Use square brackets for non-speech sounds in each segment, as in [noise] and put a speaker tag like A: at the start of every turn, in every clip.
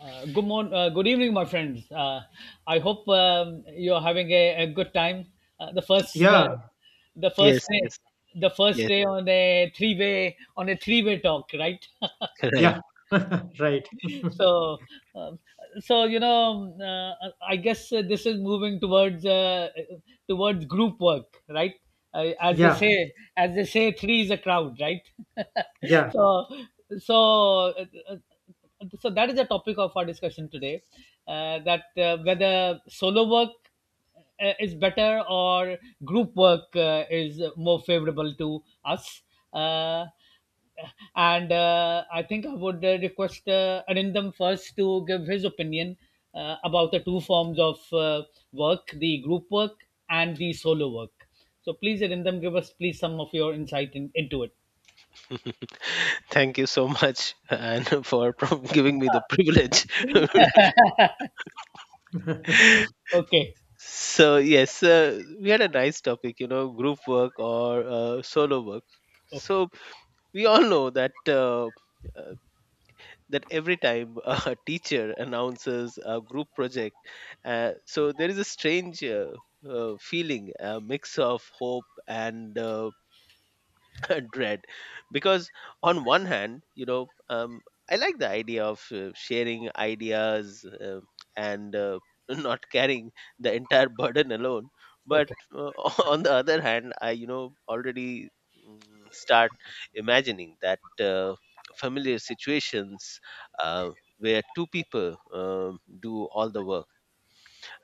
A: Good morning, good evening, my friends. I hope you're having a good time. Uh, the first, uh,
B: Yeah,
A: the first
C: Yes,
A: day,
C: yes,
A: the first
C: yes,
A: day on a three-way talk, right?
C: [laughs] right.
B: yeah, [laughs] right.
A: so um, I guess this is moving towards group work, right. uh, as they
B: Yeah,
A: say as they say three is a crowd, right. [laughs]
B: yeah,
A: so so uh, uh, so that is the topic of our discussion today, that whether solo work is better or group work is more favorable to us. Uh, and I think I would request Arindam first to give his opinion about the two forms of work, the group work and the solo work. So please, Arindam, give us please some of your insight into it.
C: [laughs] Thank you so much and [laughs] giving me the privilege. [laughs]
B: [laughs]
A: Okay,
C: So yes, we had a nice topic, you know, group work or solo work.
A: okay,
C: So we all know uh, that every time [laughs] a teacher announces a group project, so there is a strange feeling, a mix of hope and [laughs] dread because on one hand I like the idea of sharing ideas, and [laughs] not carrying the entire burden alone but
A: okay,
C: uh, [laughs] on the other hand I you know already start imagining that uh, familiar situations uh, where two people um do all the work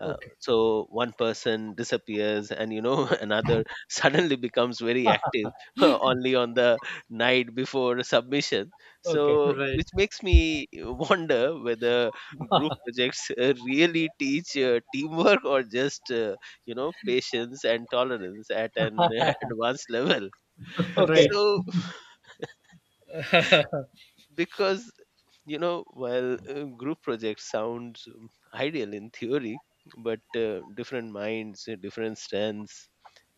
A: okay,
C: so one person disappears and you know [laughs] another suddenly becomes very active [laughs] only on the night before submission,
A: okay,
C: so
B: right,
C: which makes me [laughs] wonder whether group projects really teach teamwork or just you know patience and tolerance at an [laughs] advanced level.
B: [laughs]
A: okay,
B: right.
C: So
A: [laughs]
C: because you know while group projects sounds ideal in theory, but different minds, different strengths,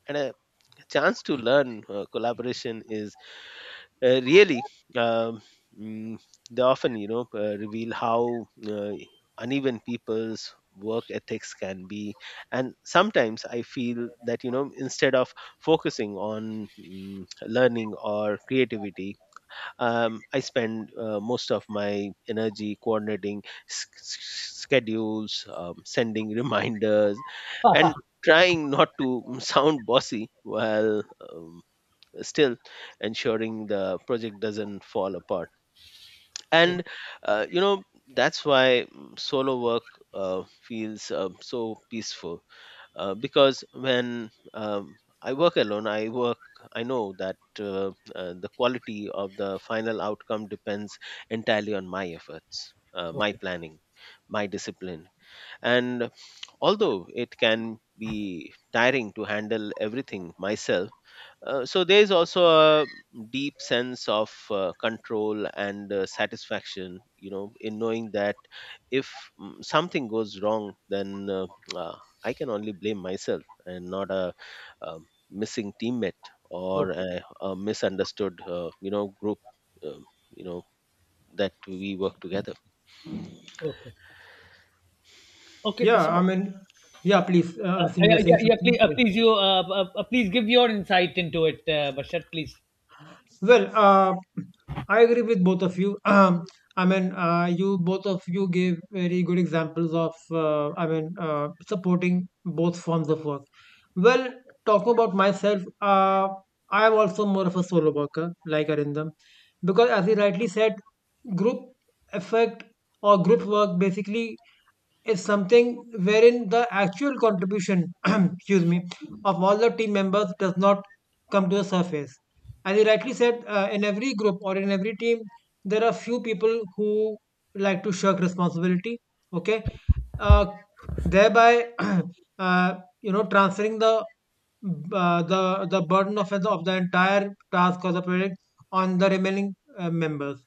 C: and a chance to learn collaboration is uh, really um, mm, they often you know reveal how uneven people's work ethics can be. And sometimes I feel that you know instead of focusing on learning or creativity, I spend most of my energy coordinating s- s- schedules, sending [laughs] reminders and
A: okay,
C: trying not to sound bossy while um, still ensuring the project doesn't fall apart. And you know that's why solo work feels so peaceful because when I work alone, I know that the quality of the final outcome depends entirely on my efforts, my
A: okay,
C: planning, my discipline. And although it can be tiring to handle everything myself, so there is also a deep sense of control and satisfaction, you know, in knowing that if something goes wrong, then uh, I can only blame myself and not a, missing teammate or
A: okay,
C: a misunderstood, you know, group, you know, that we work together.
A: okay. Okay,
B: Yeah,
A: so,
B: I mean, yeah, please, since you
A: Yeah,
B: were saying
A: yeah, yeah,
B: something.
A: please,
B: Yeah.
A: please give your insight into it, Bashar, please.
B: Well, I agree with both of you. [clears throat] I mean, you both of you gave very good examples of, supporting both forms of work. Well, talking about myself, I am also more of a solo worker, like Arindam, because as he rightly said, group effect or group work basically is something wherein the actual contribution, [clears throat] excuse me, of all the team members does not come to the surface. As you rightly said, in every group or in every team, there are few people who like to shirk responsibility. Okay, uh, thereby, [clears throat] uh, you know, transferring the burden of the entire task or the project on the remaining members.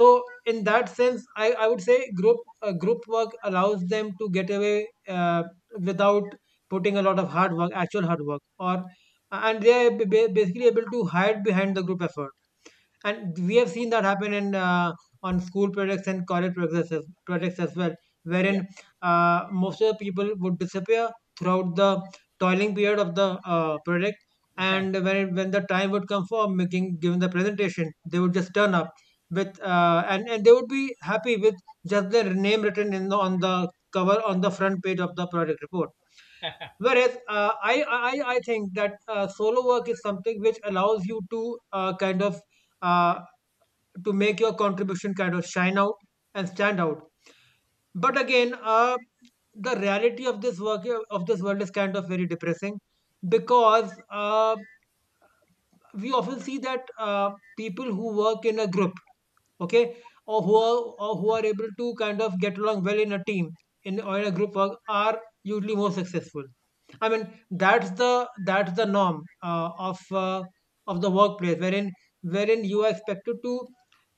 B: So in that sense, I would say group work allows them to get away without putting a lot of hard work, actual hard work, or and they are ba- basically able to hide behind the group effort, and we have seen that happen in on school projects and college projects as, well, projects as well,
A: Yeah,
B: wherein most of the people would disappear throughout the toiling period of the project, and when the time would come for making giving the presentation, they would just turn up with and they would be happy with just their name written in the cover on the front page of the project report. Whereas I think that solo work is something which allows you to kind of uh, to make your contribution kind of shine out and stand out. But again, the reality of this world is kind of very depressing because we often see that people who work in a group, okay, or who are or who are able to kind of get along well in a team in or in a group work are usually more successful. I mean, that's the that's the norm of the workplace, wherein you are expected to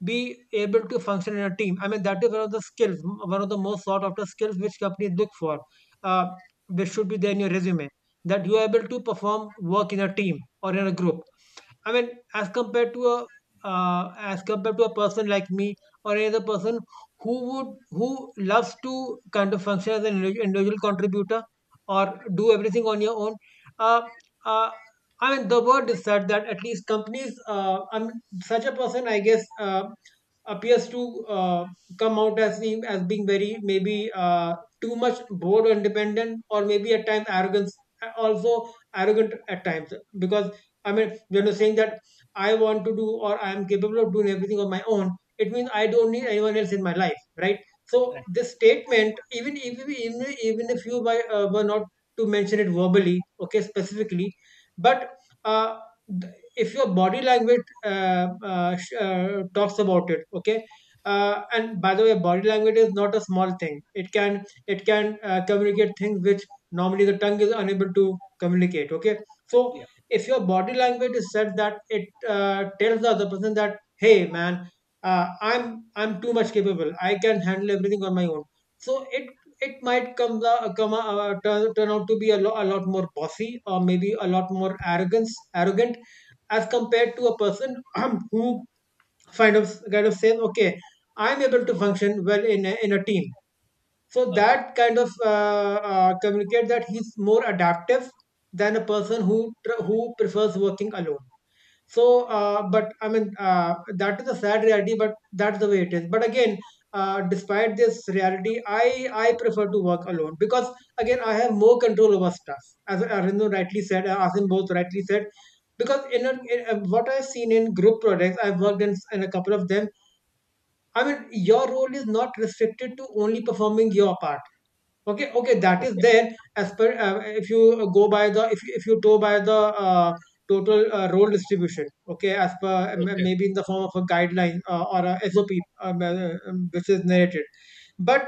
B: be able to function in a team. I mean, that is one of the skills, one of the most sought after skills which companies look for, uh, which should be there in your resume, that you are able to perform work in a team or in a group. I mean, as compared to a person like me or any other person who would who loves to kind of function as an individual contributor, or do everything on your own. Uh, uh, I mean, the word is said that at least companies, I mean, such a person, I guess, appears to come out as being very maybe too much bored or independent, or maybe at times arrogance, also arrogant at times, because I mean, you know, saying that I want to do or I am capable of doing everything on my own, it means I don't need anyone else in my life, right? So
A: right.
B: this statement, even if you by, were not to mention it verbally, okay, specifically, but uh, if your body language talks about it, okay. And by the way, body language is not a small thing. It can communicate things which normally the tongue is unable to communicate. Okay, so
A: Yeah.
B: if your body language is such that it tells the other person that, hey man, uh, i'm I'm too much capable, I can handle everything on my own. So it might come the- come turn, turn out to be a, a lot more bossy, or maybe a lot more arrogance arrogant as compared to a person [clears throat] who kind of says, okay, I'm able to function well in in a team. So
A: Okay,
B: that kind of communicate that he's more adaptive than a person who prefers working alone. So, but I mean, that is a sad reality, but that's the way it is. But again, despite this reality, I prefer to work alone because again, I have more control over stuff. As Arvindo rightly said, Asim, both rightly said, because what I've seen in group projects, I've worked in a couple of them. I mean, your role is not restricted to only performing your part. Okay, that is
A: okay,
B: there, as per if you go by the if you go by the uh, total role distribution, okay, as per
A: okay.
B: maybe in the form of a guideline or a sop, um, uh, which is narrated. But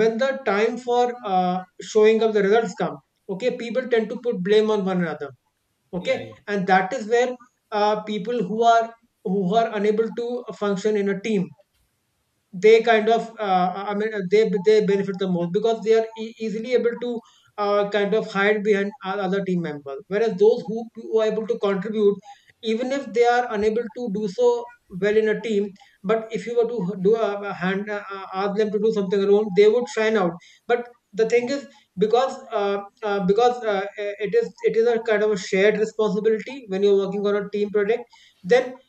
B: when the time for showing up the results come, okay, people tend to put blame on one another. Okay,
A: Yeah, yeah.
B: and that is where people who are unable to function in a team, they kind of I mean they benefit the most because they are easily able to kind of hide behind other team members. Whereas those who are able to contribute, even if they are unable to do so well in a team, but if you were to do a hand ask them to do something alone, they would shine out. But the thing is, because uh, because it is, it is a kind of a shared responsibility. When you're working on a team project, then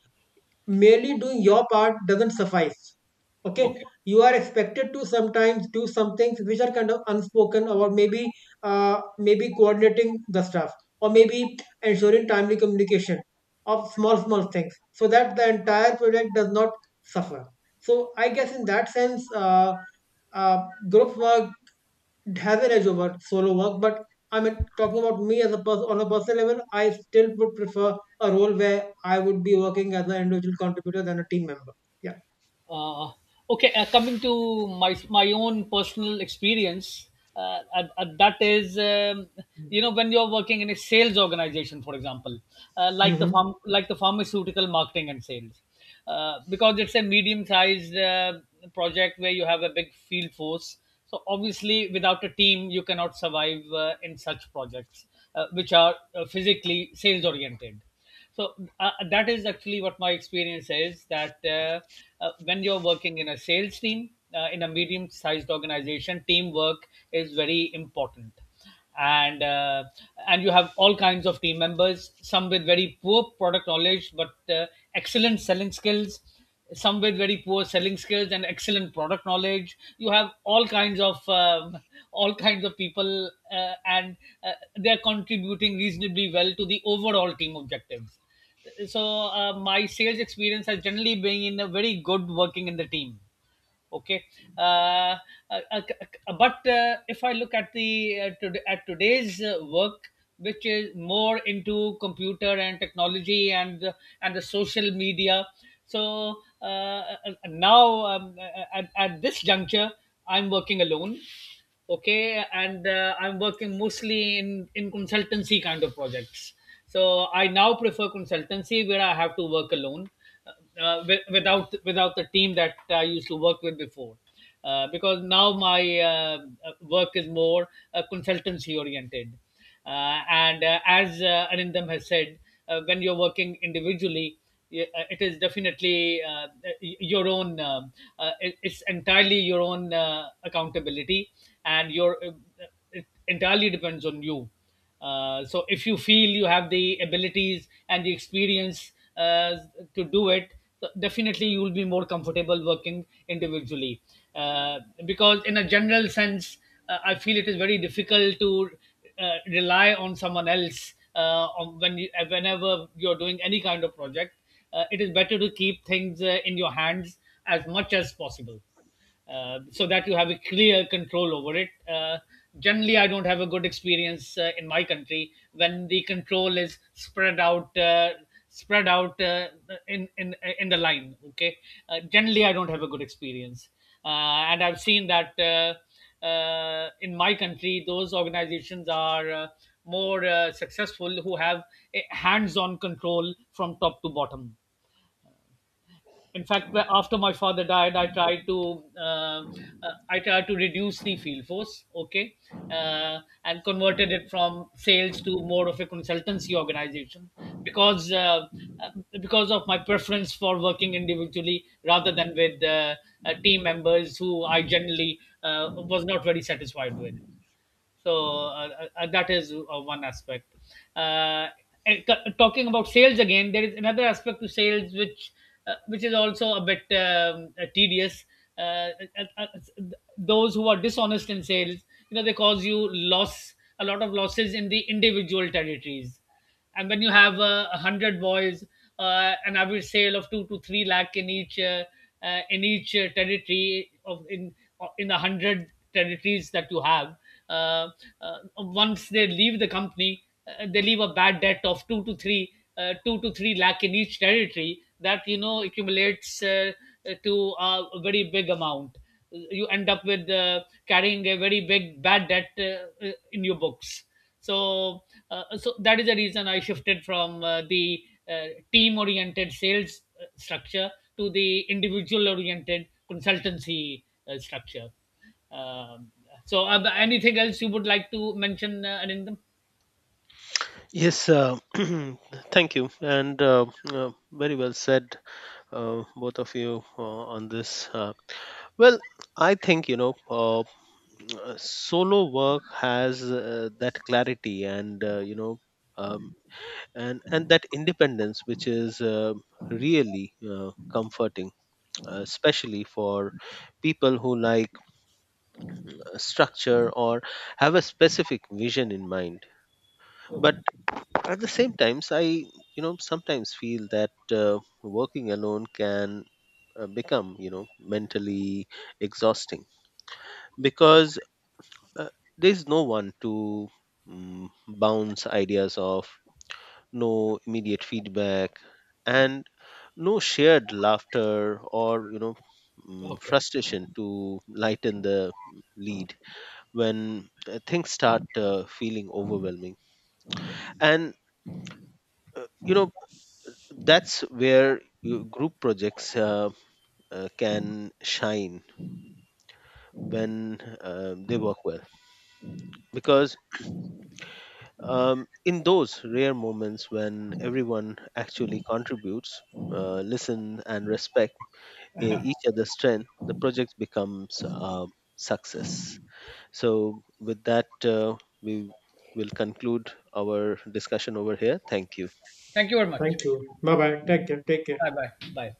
B: merely doing your part doesn't suffice. Okay,
A: Okay.
B: you are expected to sometimes do some things which are kind of unspoken, or maybe maybe coordinating the stuff, or maybe ensuring timely communication of small small things, so that the entire project does not suffer. So I guess in that sense, uh, group work have an edge over solo work, but I mean, talking about me as a person on a personal level, I still would prefer a role where I would be working as an individual contributor than a team member. Yeah.
A: Uh, okay, coming to my own personal experience, and that is, when you're working in a sales organization, for example,
B: Mm-hmm.
A: like the pharmaceutical marketing and sales, because it's a medium-sized project where you have a big field force. So obviously, without a team, you cannot survive in such projects, which are physically sales-oriented. So that is actually what my experience is, that when you're working in a sales team in a medium sized organization, teamwork is very important. And uh, and you have all kinds of team members, some with very poor product knowledge but excellent selling skills, some with very poor selling skills and excellent product knowledge. You have all kinds of people, and uh, they're contributing reasonably well to the overall team objectives. So my sales experience has generally been in a very good working in the team. Okay. Uh, uh, uh, but uh, if I look at at today's work, which is more into computer and technology and the social media. So now at this juncture I'm working alone. Okay. And I'm working mostly in consultancy kind of projects. So I now prefer consultancy where I have to work alone, uh, without the team that I used to work with before, because now my work is more consultancy oriented. And as Anindam has said, when you're working individually, it is definitely your own. It's entirely your own accountability, and your it entirely depends on you. So if you feel you have the abilities and the experience uh, to do it, so definitely you will be more comfortable working individually. Uh, because in a general sense, I feel it is very difficult to rely on someone else whenever you're doing any kind of project. It is better to keep things in your hands as much as possible so that you have a clear control over it. Generally, I don't have a good experience in my country when the control is spread out. Spread out in the line. Okay. Generally I don't have a good experience. And I've seen that in my country those organizations are more successful who have a hands on control from top to bottom. In fact, after my father died, I tried to reduce the field force. Okay. Uh, and converted it from sales to more of a consultancy organization, because uh, uh, because of my preference for working individually rather than with team members who I generally was not very satisfied with. So that is one aspect. Uh, and c- talking about sales again, there is another aspect to sales which is also a bit tedious. uh, uh, uh, uh, those who are dishonest in sales, they cause you loss a lot of losses in the individual territories. And when you have 100 boys, an average sale of 2 to 3 lakh in each territory, of in the 100 territories that you have. Uh, Once they leave the company, they leave a bad debt of 2 to 3 lakh in each territory. That accumulates to a very big amount. You end up with carrying a very big bad debt in your books. So, so that is the reason I shifted from the uh, team-oriented sales structure to the individual-oriented consultancy structure. Um, so, anything else you would like to mention, Anindam?
C: Yes, [clears throat] thank you, and very well said, both of you, on this. Well, I think you know, solo work has that clarity, and you know, um, and that independence, which is really comforting, especially for people who like structure or have a specific vision in mind. But
A: Okay.
C: at the same times, I you know sometimes feel that working alone can become you know mentally exhausting because there's no one to bounce ideas off, no immediate feedback, and no shared laughter or you know
A: Okay.
C: frustration to lighten the lead when things start feeling overwhelming. And you know that's where group projects can shine when they work well, because in those rare moments when everyone actually contributes, listen and respect each other's strength, the project becomes a success. So with that we will conclude our discussion over here. Thank you.
A: Thank you very much.
B: Thank you. Bye bye. Take care. Take care.
A: Bye bye. Bye.